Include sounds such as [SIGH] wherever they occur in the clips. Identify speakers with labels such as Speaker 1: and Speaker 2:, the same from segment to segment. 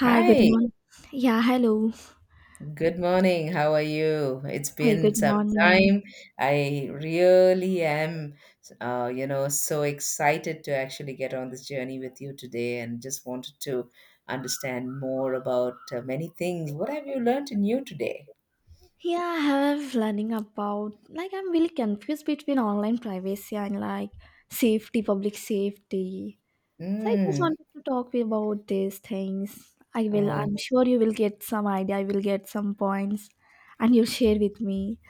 Speaker 1: Hi, good
Speaker 2: Hi,
Speaker 1: morning. Yeah, hello.
Speaker 2: good morning. How are you? It's
Speaker 1: Hi,
Speaker 2: been
Speaker 1: good
Speaker 2: some
Speaker 1: morning.
Speaker 2: time. I really am, so excited to actually get on this journey with you today and just wanted to understand more about many things. What have you learned in you today?
Speaker 1: Yeah, I have learning about like I'm really confused between online privacy and like safety, public safety. So I just
Speaker 2: Mm.
Speaker 1: wanted to talk about these things.
Speaker 2: Oh.
Speaker 1: I'm sure you will get some idea, I will get some points, and you'll share with me.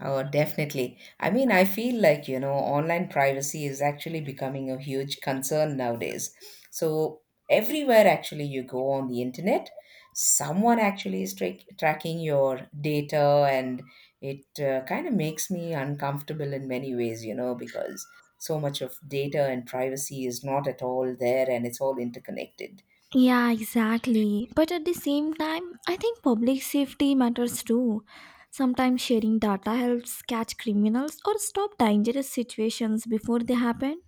Speaker 2: Oh, definitely. I mean, I feel like, online privacy is actually becoming a huge concern nowadays. So, everywhere actually you go on the internet, someone actually is tracking your data, and it kind of makes me uncomfortable in many ways, because so much of data and privacy is not at all there and it's all interconnected.
Speaker 1: Yeah, exactly. But at the same time, I think public safety matters too. Sometimes sharing data helps catch criminals or stop dangerous situations before they happen.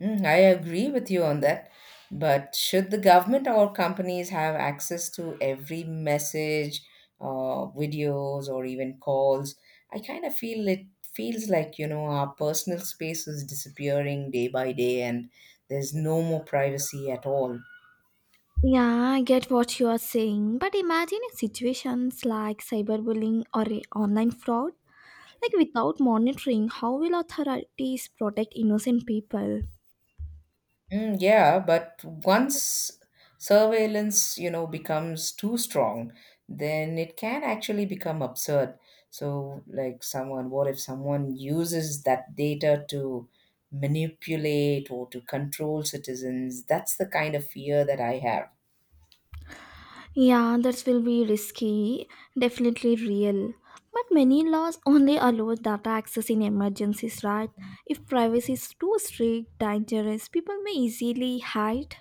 Speaker 2: I agree with you on that. But should the government or companies have access to every message, videos, or even calls? I kind of feel it feels like, our personal space is disappearing day by day and there's no more privacy at all.
Speaker 1: Yeah, I get what you are saying, but imagine if situations like cyberbullying or a online fraud. Like, without monitoring, how will authorities protect innocent people?
Speaker 2: Mm, yeah, but once surveillance, becomes too strong, then it can actually become absurd. So, like someone, what if someone uses that data to manipulate or to control citizens? That's the kind of fear that I have.
Speaker 1: Yeah, that will be risky, definitely real. But many laws only allow data access in emergencies, right? If privacy is too strict, dangerous, people may easily hide.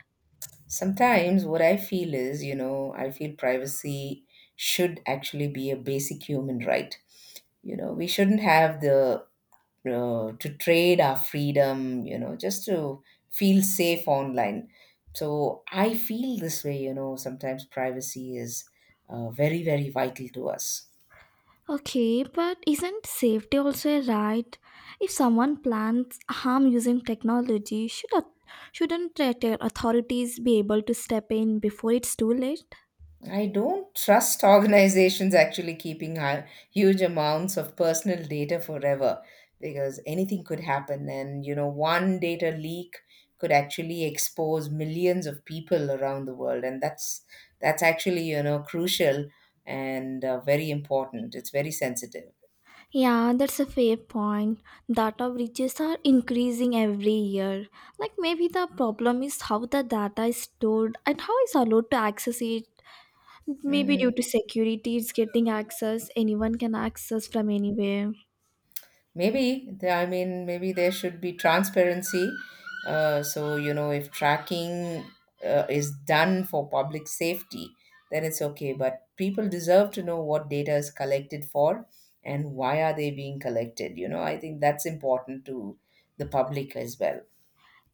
Speaker 2: Sometimes what I feel is, I feel privacy should actually be a basic human right. We shouldn't have the to trade our freedom, just to feel safe online. So I feel this way, sometimes privacy is very, very vital to us.
Speaker 1: Okay, but isn't safety also a right? If someone plans harm using technology, shouldn't the authorities be able to step in before it's too late?
Speaker 2: I don't trust organizations actually keeping huge amounts of personal data forever because anything could happen. And, one data leak could actually expose millions of people around the world. And that's actually, crucial and very important. It's very sensitive.
Speaker 1: Yeah, that's a fair point. Data breaches are increasing every year. Like maybe the problem is how the data is stored and how is allowed to access it. Maybe due
Speaker 2: Mm.
Speaker 1: to security, it's getting access. Anyone can access from anywhere.
Speaker 2: Maybe, I mean, maybe there should be transparency. So, if tracking is done for public safety, then it's okay. But people deserve to know what data is collected for and why are they being collected. I think that's important to the public as well.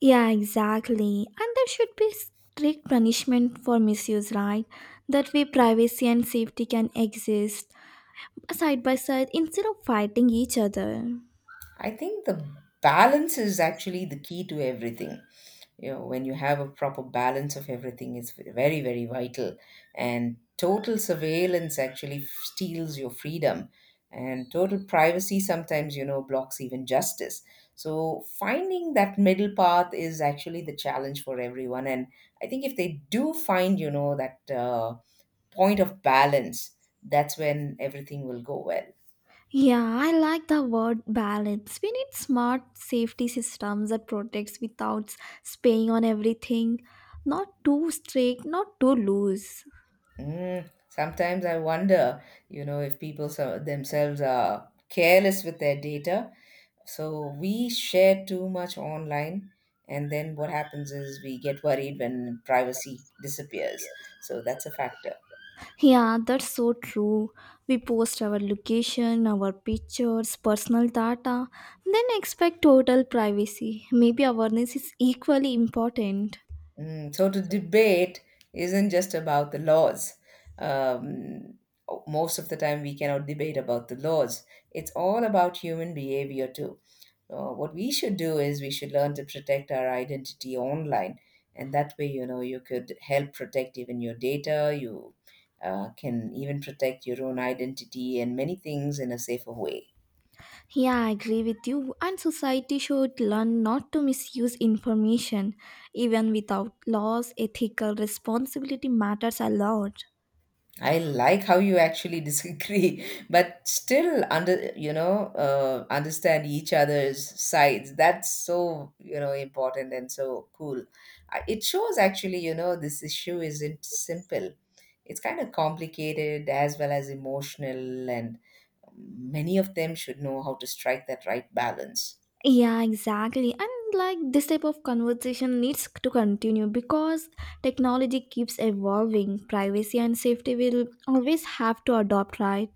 Speaker 1: Yeah, exactly. And there should be strict punishment for misuse, right? That way, privacy and safety can exist side by side instead of fighting each other.
Speaker 2: I think the balance is actually the key to everything. When you have a proper balance of everything is very very vital, and total surveillance actually steals your freedom, and total privacy sometimes blocks even justice. So finding that middle path is actually the challenge for everyone, and I think if they do find that point of balance, that's when everything will go well.
Speaker 1: Yeah, I like the word balance. We need smart safety systems that protects without spying on everything. Not too strict, not too loose.
Speaker 2: Mm, sometimes I wonder if people so themselves are careless with their data. So we share too much online, and then what happens is we get worried when privacy disappears. So that's a factor.
Speaker 1: Yeah, that's so true. We post our location, our pictures, personal data, then expect total privacy. Maybe awareness is equally important.
Speaker 2: So, to debate isn't just about the laws. Um, most of the time, we cannot debate about the laws. It's all about human behavior too. What we should do is we should learn to protect our identity online, and that way you could help protect even your data. You can even protect your own identity and many things in a safer way.
Speaker 1: Yeah, I agree with you. And society should learn not to misuse information. Even without laws, ethical responsibility matters a lot.
Speaker 2: I like how you actually disagree, [LAUGHS] but still understand each other's sides. That's so important and so cool. It shows actually this issue isn't simple. It's kind of complicated as well as emotional, and many of them should know how to strike that right balance.
Speaker 1: Yeah, exactly. And like this type of conversation needs to continue because technology keeps evolving. Privacy and safety will always have to adopt, right?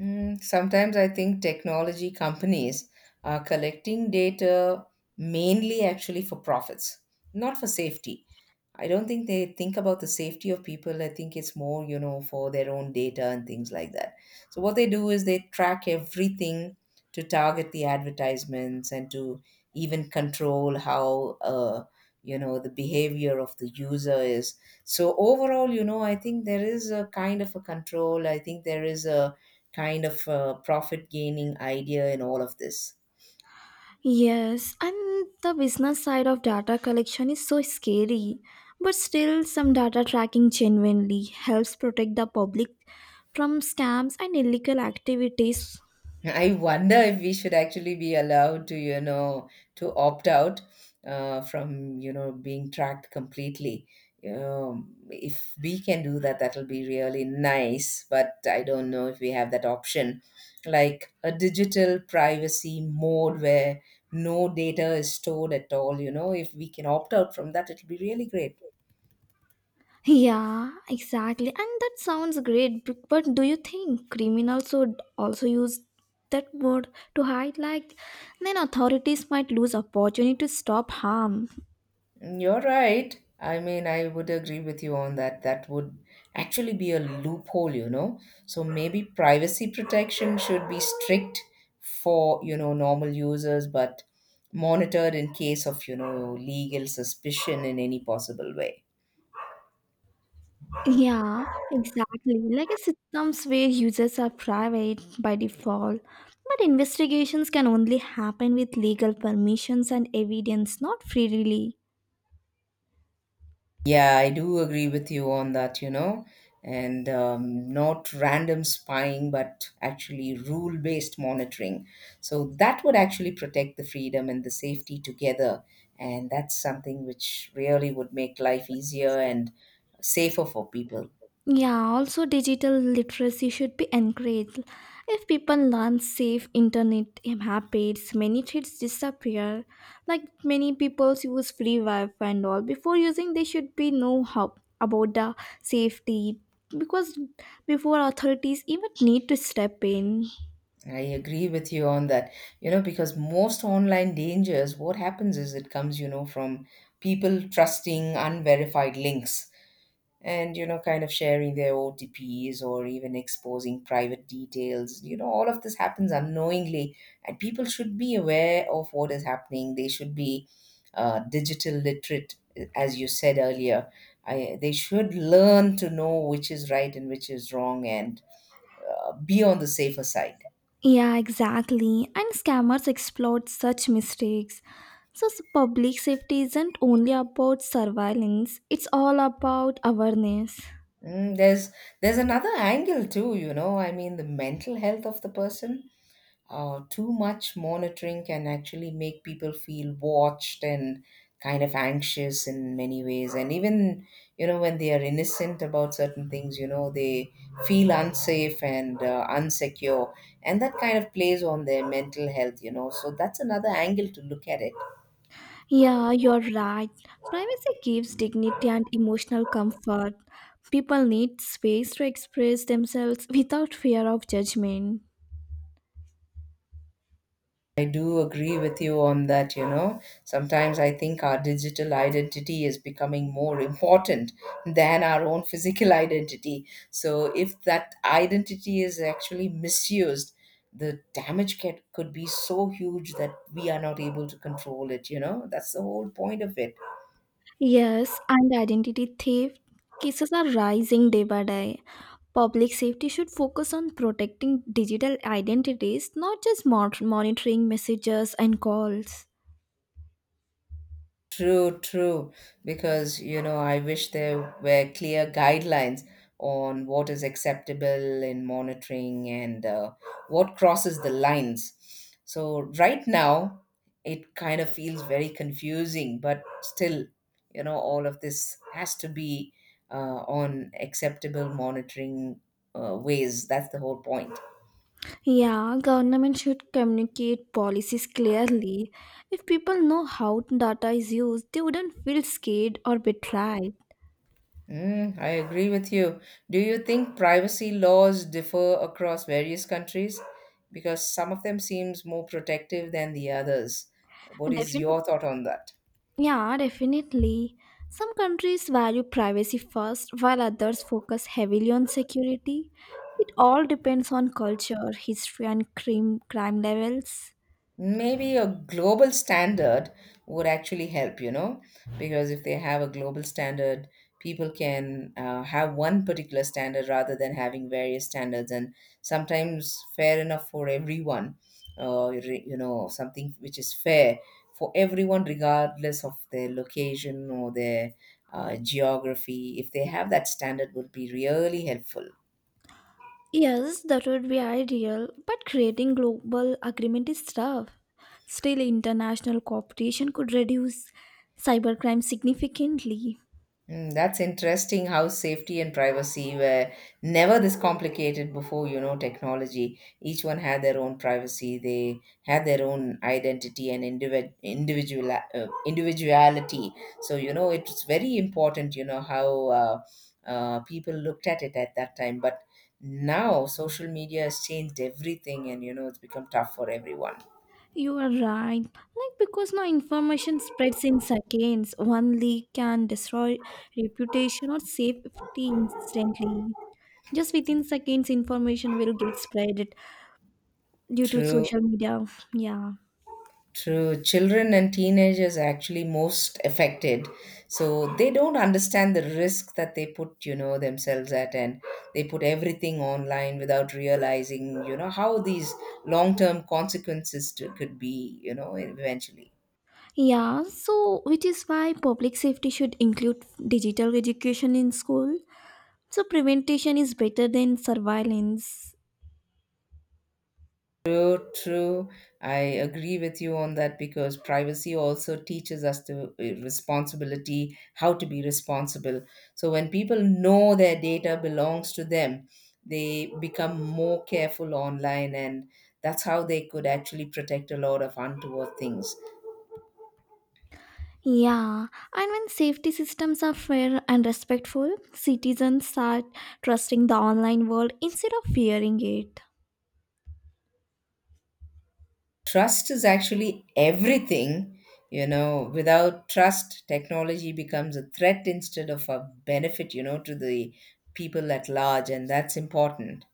Speaker 2: Sometimes I think technology companies are collecting data mainly actually for profits, not for safety. I don't think they think about the safety of people. I think it's more, for their own data and things like that. So what they do is they track everything to target the advertisements and to even control how, the behavior of the user is. So overall, I think there is a kind of a control. I think there is a kind of a profit gaining idea in all of this.
Speaker 1: Yes, and the business side of data collection is so scary, but still, some data tracking genuinely helps protect the public from scams and illegal activities.
Speaker 2: I wonder if we should actually be allowed to opt out from, being tracked completely. If we can do that, that'll be really nice. But I don't know if we have that option, like a digital privacy mode where no data is stored at all. If we can opt out from that, it'll be really great.
Speaker 1: Yeah, exactly. And that sounds great, but do you think criminals would also use that word to hide? Like, then authorities might lose opportunity to stop harm.
Speaker 2: You're right. I mean, I would agree with you on that. That would actually be a loophole. So maybe privacy protection should be strict for, normal users, but monitored in case of, legal suspicion in any possible way.
Speaker 1: Yeah, exactly. Like a systems where users are private by default, but investigations can only happen with legal permissions and evidence, not freely.
Speaker 2: Yeah, I do agree with you on that, and not random spying, but actually rule based monitoring. So that would actually protect the freedom and the safety together. And that's something which really would make life easier and safer for people.
Speaker 1: Yeah, also digital literacy should be encouraged. If people learn safe internet habits, many threats disappear. Like many people use free Wi-Fi and all. Before using, they should be know how about the safety because before authorities even need to step in.
Speaker 2: I agree with you on that, because most online dangers, what happens is it comes, from people trusting unverified links, and kind of sharing their otps or even exposing private details. All of this happens unknowingly, and people should be aware of what is happening. They should be digital literate, as you said earlier. They should learn to know which is right and which is wrong, and be on the safer side.
Speaker 1: Yeah, exactly. And scammers exploit such mistakes. So, public safety isn't only about surveillance, it's all about awareness.
Speaker 2: Mm, there's there's another angle too. I mean, the mental health of the person. Too much monitoring can actually make people feel watched and kind of anxious in many ways. And even, when they are innocent about certain things, they feel unsafe and unsecure. And that kind of plays on their mental health. So that's another angle to look at it.
Speaker 1: Yeah, you're right. Privacy gives dignity and emotional comfort. People need space to express themselves without fear of judgment.
Speaker 2: I do agree with you on that. Sometimes I think our digital identity is becoming more [LAUGHS] important than our own physical identity. So if that identity is actually misused, the damage could be so huge that we are not able to control it. That's the whole point of it.
Speaker 1: Yes, and identity theft cases are rising day by day. Public safety should focus on protecting digital identities, not just monitoring messages and calls.
Speaker 2: True, true. Because, I wish there were clear guidelines on what is acceptable in monitoring, and what crosses the lines. So, right now, it kind of feels very confusing, but still, all of this has to be on acceptable monitoring ways. That's the whole point.
Speaker 1: Yeah, government should communicate policies clearly. If people know how data is used, they wouldn't feel scared or betrayed.
Speaker 2: I agree with you. Do you think privacy laws differ across various countries? Because some of them seems more protective than the others. What
Speaker 1: And
Speaker 2: is
Speaker 1: definitely,
Speaker 2: your thought on that?
Speaker 1: yeah, definitely. Some countries value privacy first, while others focus heavily on security. It all depends on culture, history, and crime levels.
Speaker 2: Maybe a global standard would actually help because if they have a global standard, people can have one particular standard rather than having various standards, and sometimes fair enough for everyone, something which is fair for everyone regardless of their location or their geography. If they have that standard, would be really helpful.
Speaker 1: Yes, that would be ideal, but creating global agreement is tough. Still, international cooperation could reduce cybercrime significantly.
Speaker 2: That's interesting how safety and privacy were never this complicated before, technology. Each one had their own privacy, they had their own identity and individuality. So, it's very important, how people looked at it at that time. But now social media has changed everything, and, it's become tough for everyone.
Speaker 1: You are right. Like because now information spreads in seconds, one leak can destroy reputation or safety instantly. Just within seconds, information will get spread due to
Speaker 2: True.
Speaker 1: social media. Yeah.
Speaker 2: True. Children and teenagers are actually most affected. So they don't understand the risk that they put, themselves at, and they put everything online without realizing, how these long-term consequences could be, eventually.
Speaker 1: Yeah, so which is why public safety should include digital education in school. So prevention is better than surveillance.
Speaker 2: True, true. I agree with you on that because privacy also teaches us to responsibility, how to be responsible. So when people know their data belongs to them, they become more careful online, and that's how they could actually protect a lot of untoward things.
Speaker 1: Yeah, and when safety systems are fair and respectful, citizens start trusting the online world instead of fearing it.
Speaker 2: Trust is actually everything. Without trust, technology becomes a threat instead of a benefit, to the people at large, and that's important.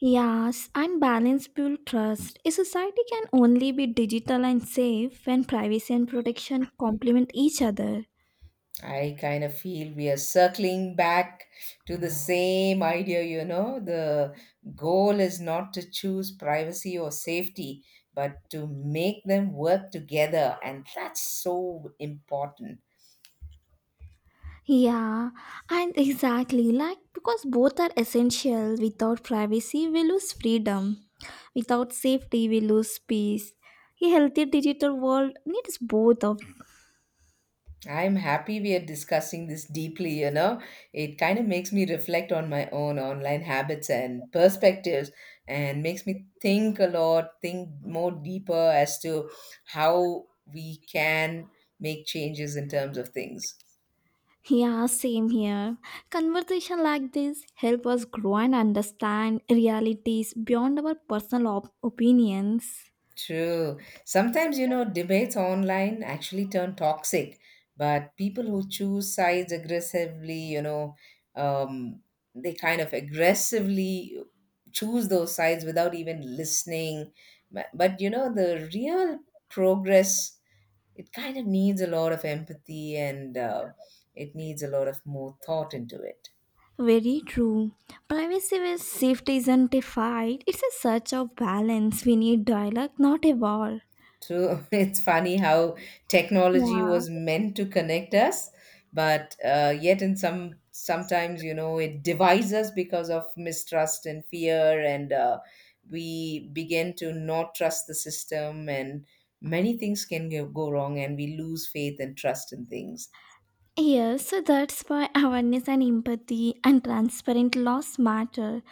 Speaker 1: Yes, and balance build trust. A society can only be digital and safe when privacy and protection complement each other.
Speaker 2: I kind of feel we are circling back to the same idea. The goal is not to choose privacy or safety, but to make them work together. And that's so important.
Speaker 1: Yeah, and exactly like because both are essential. Without privacy, we lose freedom. Without safety, we lose peace. A healthy digital world needs both of.
Speaker 2: I'm happy we are discussing this deeply. It kind of makes me reflect on my own online habits and perspectives, and makes me think a lot, think more deeper as to how we can make changes in terms of things.
Speaker 1: Yeah, same here. Conversation like this help us grow and understand realities beyond our personal opinions.
Speaker 2: True. Sometimes, debates online actually turn toxic, but people who choose sides aggressively, um, they kind of aggressively choose those sides without even listening. But, the real progress, it kind of needs a lot of empathy, and it needs a lot of more thought into it.
Speaker 1: Very true. Privacy with safety isn't a fight. It's a search of balance. We need dialogue, not a war.
Speaker 2: True. [LAUGHS] It's funny how technology
Speaker 1: Yeah.
Speaker 2: was meant to connect us, but yet in sometimes you know it divides us because of mistrust and fear, and we begin to not trust the system, and many things can go wrong, and we lose faith and trust in things.
Speaker 1: Yes, so that's why awareness and empathy and transparent laws matter.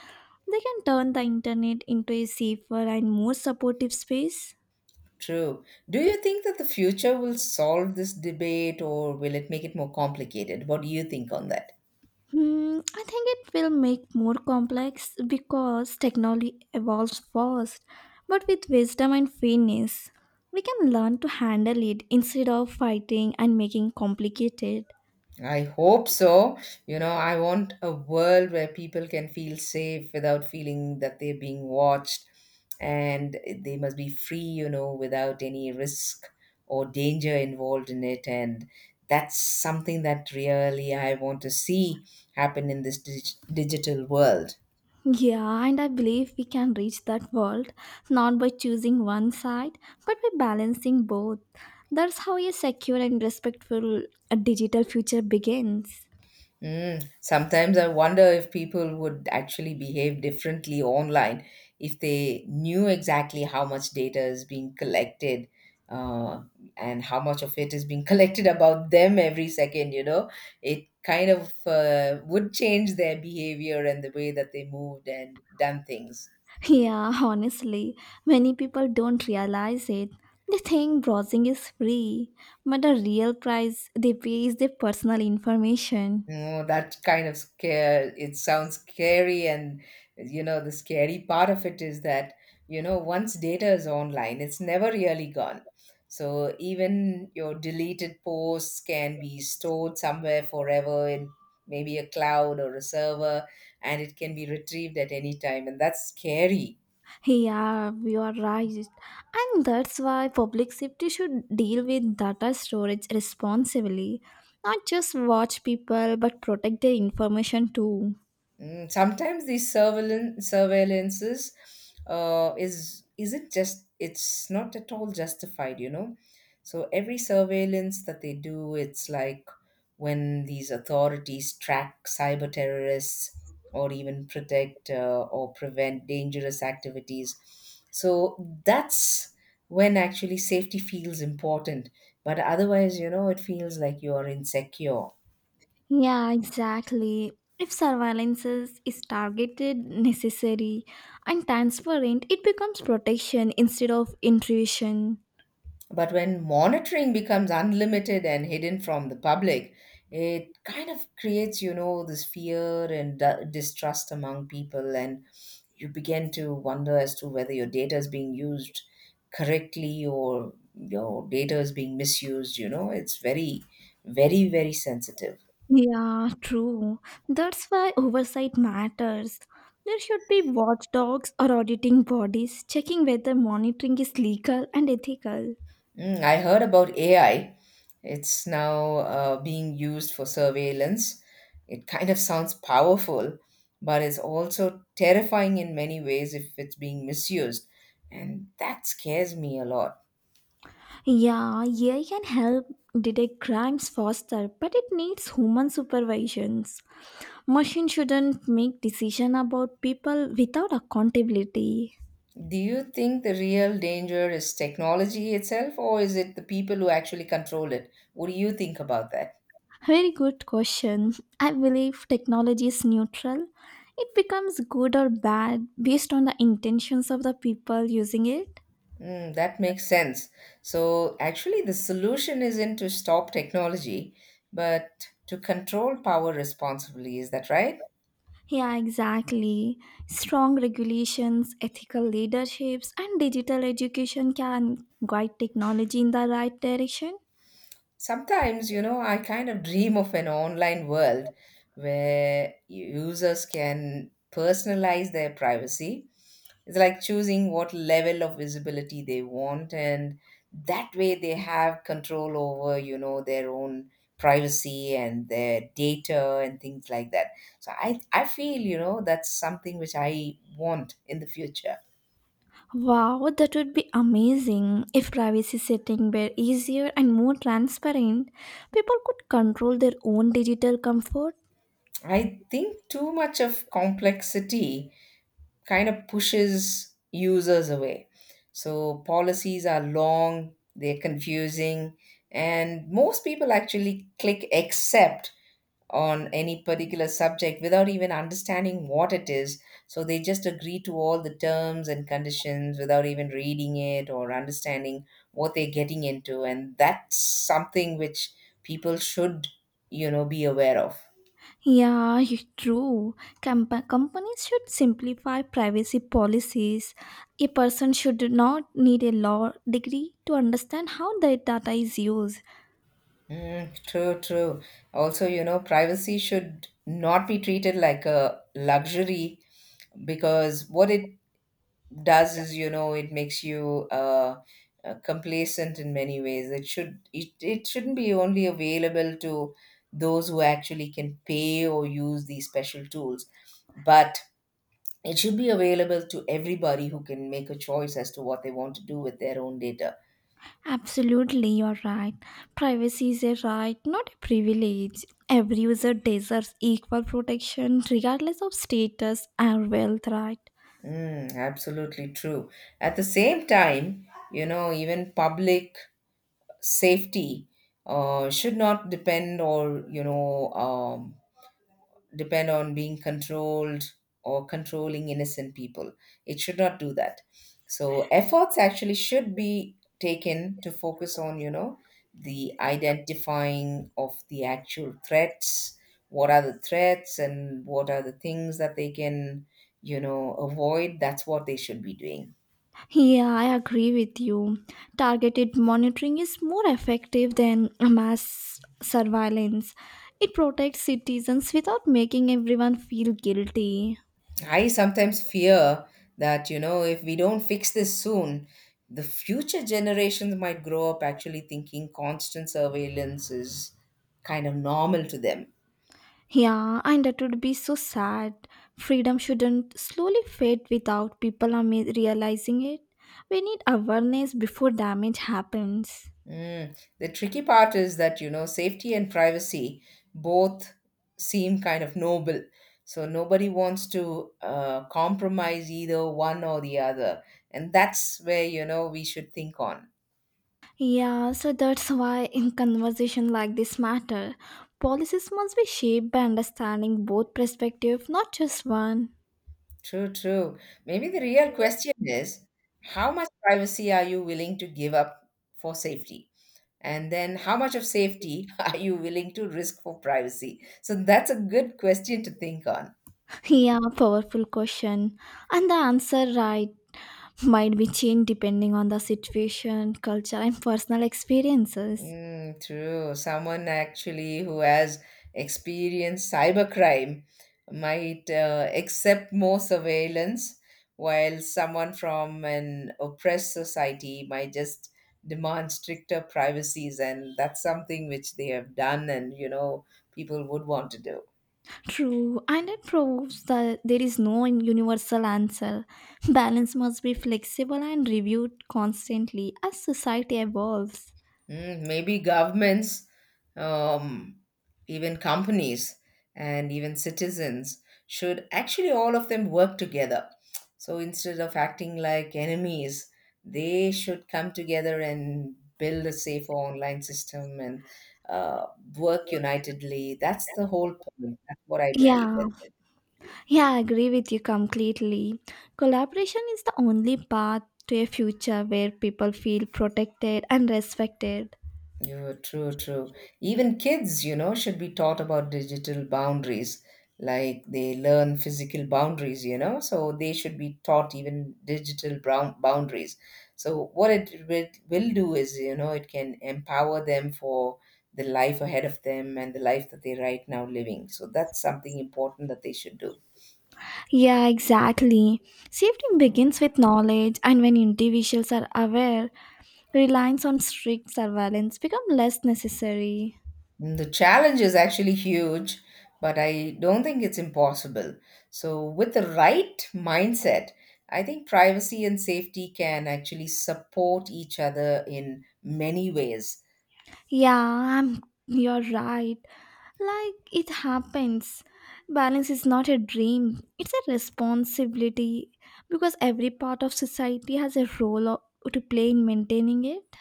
Speaker 1: They can turn the internet into a safer and more supportive space.
Speaker 2: True. Do you think that the future will solve this debate, or will it make it more complicated? What do you think on that?
Speaker 1: Hmm, I think it will make more complex because technology evolves fast, but with wisdom and fairness, we can learn to handle it instead of fighting and making complicated.
Speaker 2: I hope so. You know, I want a world where people can feel safe without feeling that they're being watched, and they must be free, you know, without any risk or danger involved in it. And that's something that really I want to see happen in this digital world.
Speaker 1: Yeah, and I believe we can reach that world not by choosing one side, but by balancing both. That's how a secure and respectful digital future begins.
Speaker 2: Mm, sometimes I wonder if people would actually behave differently online if they knew exactly how much data is being collected uh, and how much of it is being [LAUGHS] collected about them every second, you know. It kind of would change their behavior and the way that they moved and done things.
Speaker 1: [LAUGHS] Yeah, honestly, many people don't realize it. They think browsing is free, but the real price they pay is their personal information.
Speaker 2: Oh, that kind of scare, it sounds scary. And, you know, the scary part of it is that, you know, once data is online, it's never really gone. So even your deleted posts can be stored somewhere forever in maybe a cloud or a server, and it can be retrieved at any time. And that's scary.
Speaker 1: Yeah, you are right. And that's why public safety should deal with data storage responsibly. Not just watch people, but protect their information too.
Speaker 2: Mm, sometimes these surveillances is isn't just it's not at all justified, you know, so every surveillance that they do, it's like when these authorities track cyber terrorists or even protect or prevent dangerous activities, so that's when actually safety feels important, but otherwise, you know, it feels like you are insecure.
Speaker 1: Yeah, exactly. If surveillance is targeted, necessary, and transparent, it becomes protection instead of intrusion.
Speaker 2: But when monitoring becomes unlimited and hidden from the public, it kind of creates, you know, this fear and distrust among people, and you begin to wonder as to whether your data is being used correctly or your data is being misused. You know, it's very, very, very sensitive.
Speaker 1: Yeah, true. That's why oversight matters. There should be watchdogs or auditing bodies checking whether monitoring is legal and ethical.
Speaker 2: Mm, I heard about AI. It's now being used for surveillance. It kind of sounds powerful, but it's also terrifying in many ways if it's being misused. And that scares me a lot.
Speaker 1: Yeah, AI can help detect crimes faster, but it needs human supervisions. Machines shouldn't make decisions about people without accountability.
Speaker 2: Do you think the real danger is technology itself, or is it the people who actually control it? What do you think about that?
Speaker 1: Very good question. I believe technology is neutral. It becomes good or bad based on the intentions of the people using it.
Speaker 2: Mm, that makes sense. So, actually, the solution isn't to stop technology, but to control power responsibly. Is that right?
Speaker 1: Yeah, exactly. Strong regulations, ethical leaderships, and digital education can guide technology in the right direction.
Speaker 2: Sometimes, you know, I kind of dream of an online world where users can personalize their privacy. It's like choosing what level of visibility they want, and that way they have control over, you know, their own privacy and their data and things like that. So I feel, you know, that's something which I want in the future.
Speaker 1: Wow, that would be amazing. If privacy setting were easier and more transparent, people could control their own digital comfort.
Speaker 2: I think too much of complexity kind of pushes users away. So policies are long, they're confusing, and most people actually click accept on any particular subject without even understanding what it is. So they just agree to all the terms and conditions without even reading it or understanding what they're getting into. And that's something which people should, you know, be aware of.
Speaker 1: Yeah, true. Companies should simplify privacy policies. A person should not need a law degree to understand how their data is used.
Speaker 2: Mm, true, true. Also, you know, privacy should not be treated like a luxury, because what it does is, you know, it makes you complacent in many ways. It should It shouldn't be only available to those who actually can pay or use these special tools, but it should be available to everybody who can make a choice as to what they want to do with their own data.
Speaker 1: Absolutely, you're right. Privacy is a right, not a privilege. Every user deserves equal protection regardless of status or wealth, right?
Speaker 2: Mm, absolutely true. At the same time, you know, even public safety should not depend, or you know, depend on being controlled or controlling innocent people. It should not do that. So efforts actually should be taken to focus on, you know, the identifying of the actual threats. What are the threats and what are the things that they can, you know, avoid? That's what they should be doing.
Speaker 1: Yeah, I agree with you. Targeted monitoring is more effective than mass surveillance. It protects citizens without making everyone feel guilty.
Speaker 2: I sometimes fear that, you know, if we don't fix this soon, the future generations might grow up actually thinking constant surveillance is kind of normal to them.
Speaker 1: Yeah, and that would be so sad. Freedom shouldn't slowly fade without people are realizing it. We need awareness before damage happens.
Speaker 2: Mm. The tricky part is that, you know, safety and privacy both seem kind of noble. So nobody wants to compromise either one or the other. And that's where, you know, we should think on.
Speaker 1: Yeah, so that's why in conversation like this matter, policies must be shaped by understanding both perspective, not just one.
Speaker 2: True, true. Maybe the real question is how much privacy are you willing to give up for safety? And then how much of safety [LAUGHS] are you willing to risk for privacy? So that's a good question to think on.
Speaker 1: [LAUGHS] Yeah, powerful question. And the answer right might be changed depending on the situation, culture and personal experiences.
Speaker 2: Mm, true. Someone actually who has experienced cybercrime might accept more surveillance, while someone from an oppressed society might just demand stricter privacies, and that's something which they have done, and you know, people would want to do.
Speaker 1: True, and it proves that there is no universal answer. Balance must be flexible and reviewed constantly as society evolves.
Speaker 2: Mm, maybe governments, um, even companies, and even citizens should actually all of them work together. So instead of acting like enemies, they should come together and build a safer online system and uh, work unitedly. That's the whole point. That's what I believe.
Speaker 1: Yeah,
Speaker 2: That
Speaker 1: yeah, I agree with you completely. Collaboration is the only path to a future where people feel protected and respected.
Speaker 2: yeah, true, true. Even kids, you know, should be taught about digital boundaries. Like they learn physical boundaries, you know, so they should be taught even digital brown boundaries. So what it will do is, you know, it can empower them for the life ahead of them and the life that they're right now living. So that's something important that they should do.
Speaker 1: Yeah, exactly. Safety begins with knowledge, and when individuals are aware, reliance on strict surveillance becomes less necessary.
Speaker 2: Mm, the challenge is actually huge, but I don't think it's impossible. So, with the right mindset, I think privacy and safety can actually support each other in many ways.
Speaker 1: Yeah, you're right. Like it happens. Balance is not a dream, it's a responsibility because every part of society has a role to play in maintaining it.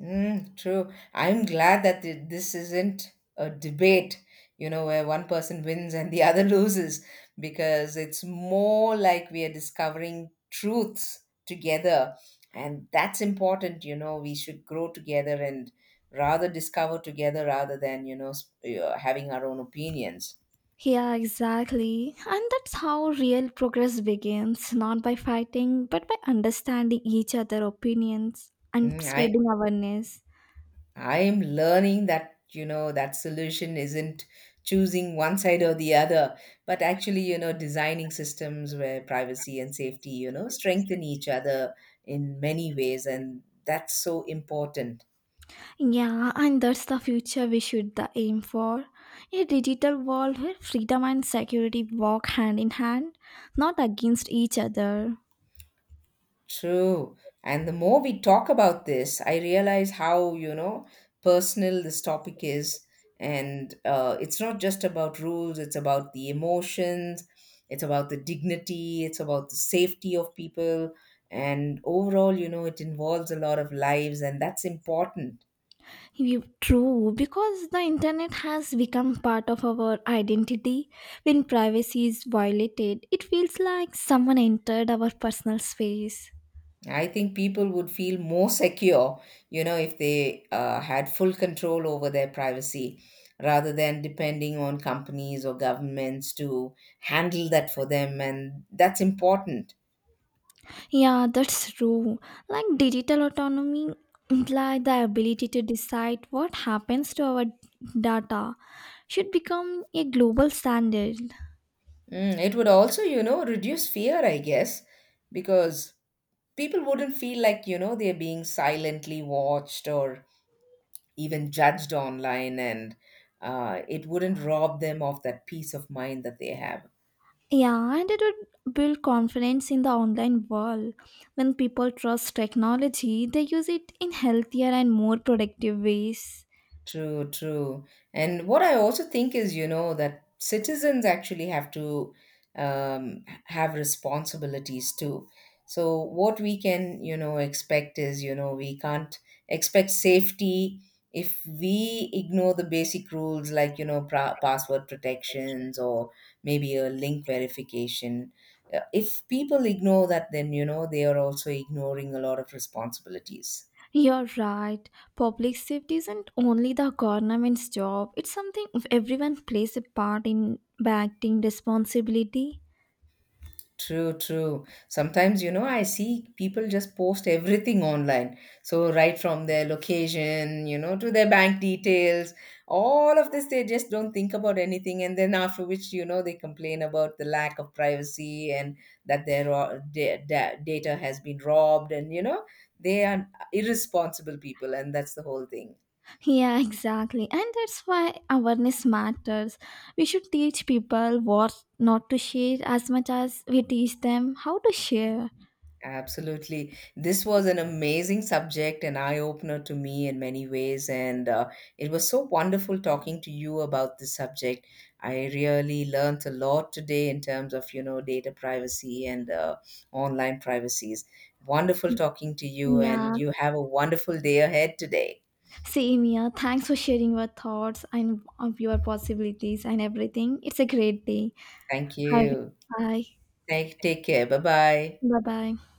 Speaker 2: Mm, true. I'm glad that this isn't a debate, you know, where one person wins and the [LAUGHS] other loses, because it's more like we are discovering truths together. And that's important, you know, we should grow together and rather discover together rather than, you know, having our own opinions.
Speaker 1: Yeah, exactly. And that's how real progress begins not by fighting, but by understanding each other' opinions and
Speaker 2: Mm,
Speaker 1: spreading awareness.
Speaker 2: I'm learning that, you know, that solution isn't choosing one side or the other, but actually, you know, designing systems where privacy and safety, you know, strengthen each other in many ways. And that's so important.
Speaker 1: Yeah, and that's the future we should the aim for. A digital world where freedom and security walk hand in hand, not against each other.
Speaker 2: True. And the more we talk about this, I realize how, you know, personal this topic is. And it's not just about rules, it's about the emotions, it's about the dignity, it's about the safety of people. And overall, you know, it involves a lot of lives, and that's important.
Speaker 1: True, because the internet has become part of our identity. When privacy is violated, it feels like someone entered our personal space.
Speaker 2: I think people would feel more secure, you know, if they had full control over their privacy rather than depending on companies or governments to handle that for them. And that's important.
Speaker 1: Yeah, that's true. Like digital autonomy imply the ability to decide what happens to our data should become a global standard.
Speaker 2: Mm, it would also, you know, reduce fear, I guess, because people wouldn't feel like, you know, they're being silently watched or even judged online. And it wouldn't rob them of that peace of mind that they have.
Speaker 1: Yeah, and it would build confidence in the online world. When people trust technology, they use it in healthier and more productive ways.
Speaker 2: True, true. And what I also think is, you know, that citizens actually have to have responsibilities too. So, what we can, you know, expect is, you know, we can't expect safety if we ignore the basic rules like, you know, password protections or maybe a link verification. If people ignore that, then, you know, they are also ignoring a lot of responsibilities.
Speaker 1: You're right. Public safety isn't only the government's job, it's something everyone plays a part in by acting responsibility.
Speaker 2: True, true. Sometimes, you know, I see people just post everything online. So, right from their location, you know, to their bank details, all of this, they just don't think about anything. And then, after which, you know, they complain about the lack of privacy and that their data has been robbed. And, you know, they are irresponsible people. And that's the whole thing.
Speaker 1: Yeah, exactly. And that's why awareness matters. We should teach people what not to share as much as we teach them how to share.
Speaker 2: Absolutely. This was an amazing subject, an eye opener to me in many ways. And it was so wonderful talking to you about this subject. I really learnt a lot today in terms of, you know, data privacy and online privacies. Wonderful talking to you, and
Speaker 1: Yeah,
Speaker 2: you have a wonderful day ahead today.
Speaker 1: same here. Thanks for sharing your thoughts and of your possibilities and everything. It's a great day.
Speaker 2: Thank
Speaker 1: Have a good.
Speaker 2: you.
Speaker 1: Bye
Speaker 2: Thank, take care. Bye bye.
Speaker 1: bye. Bye.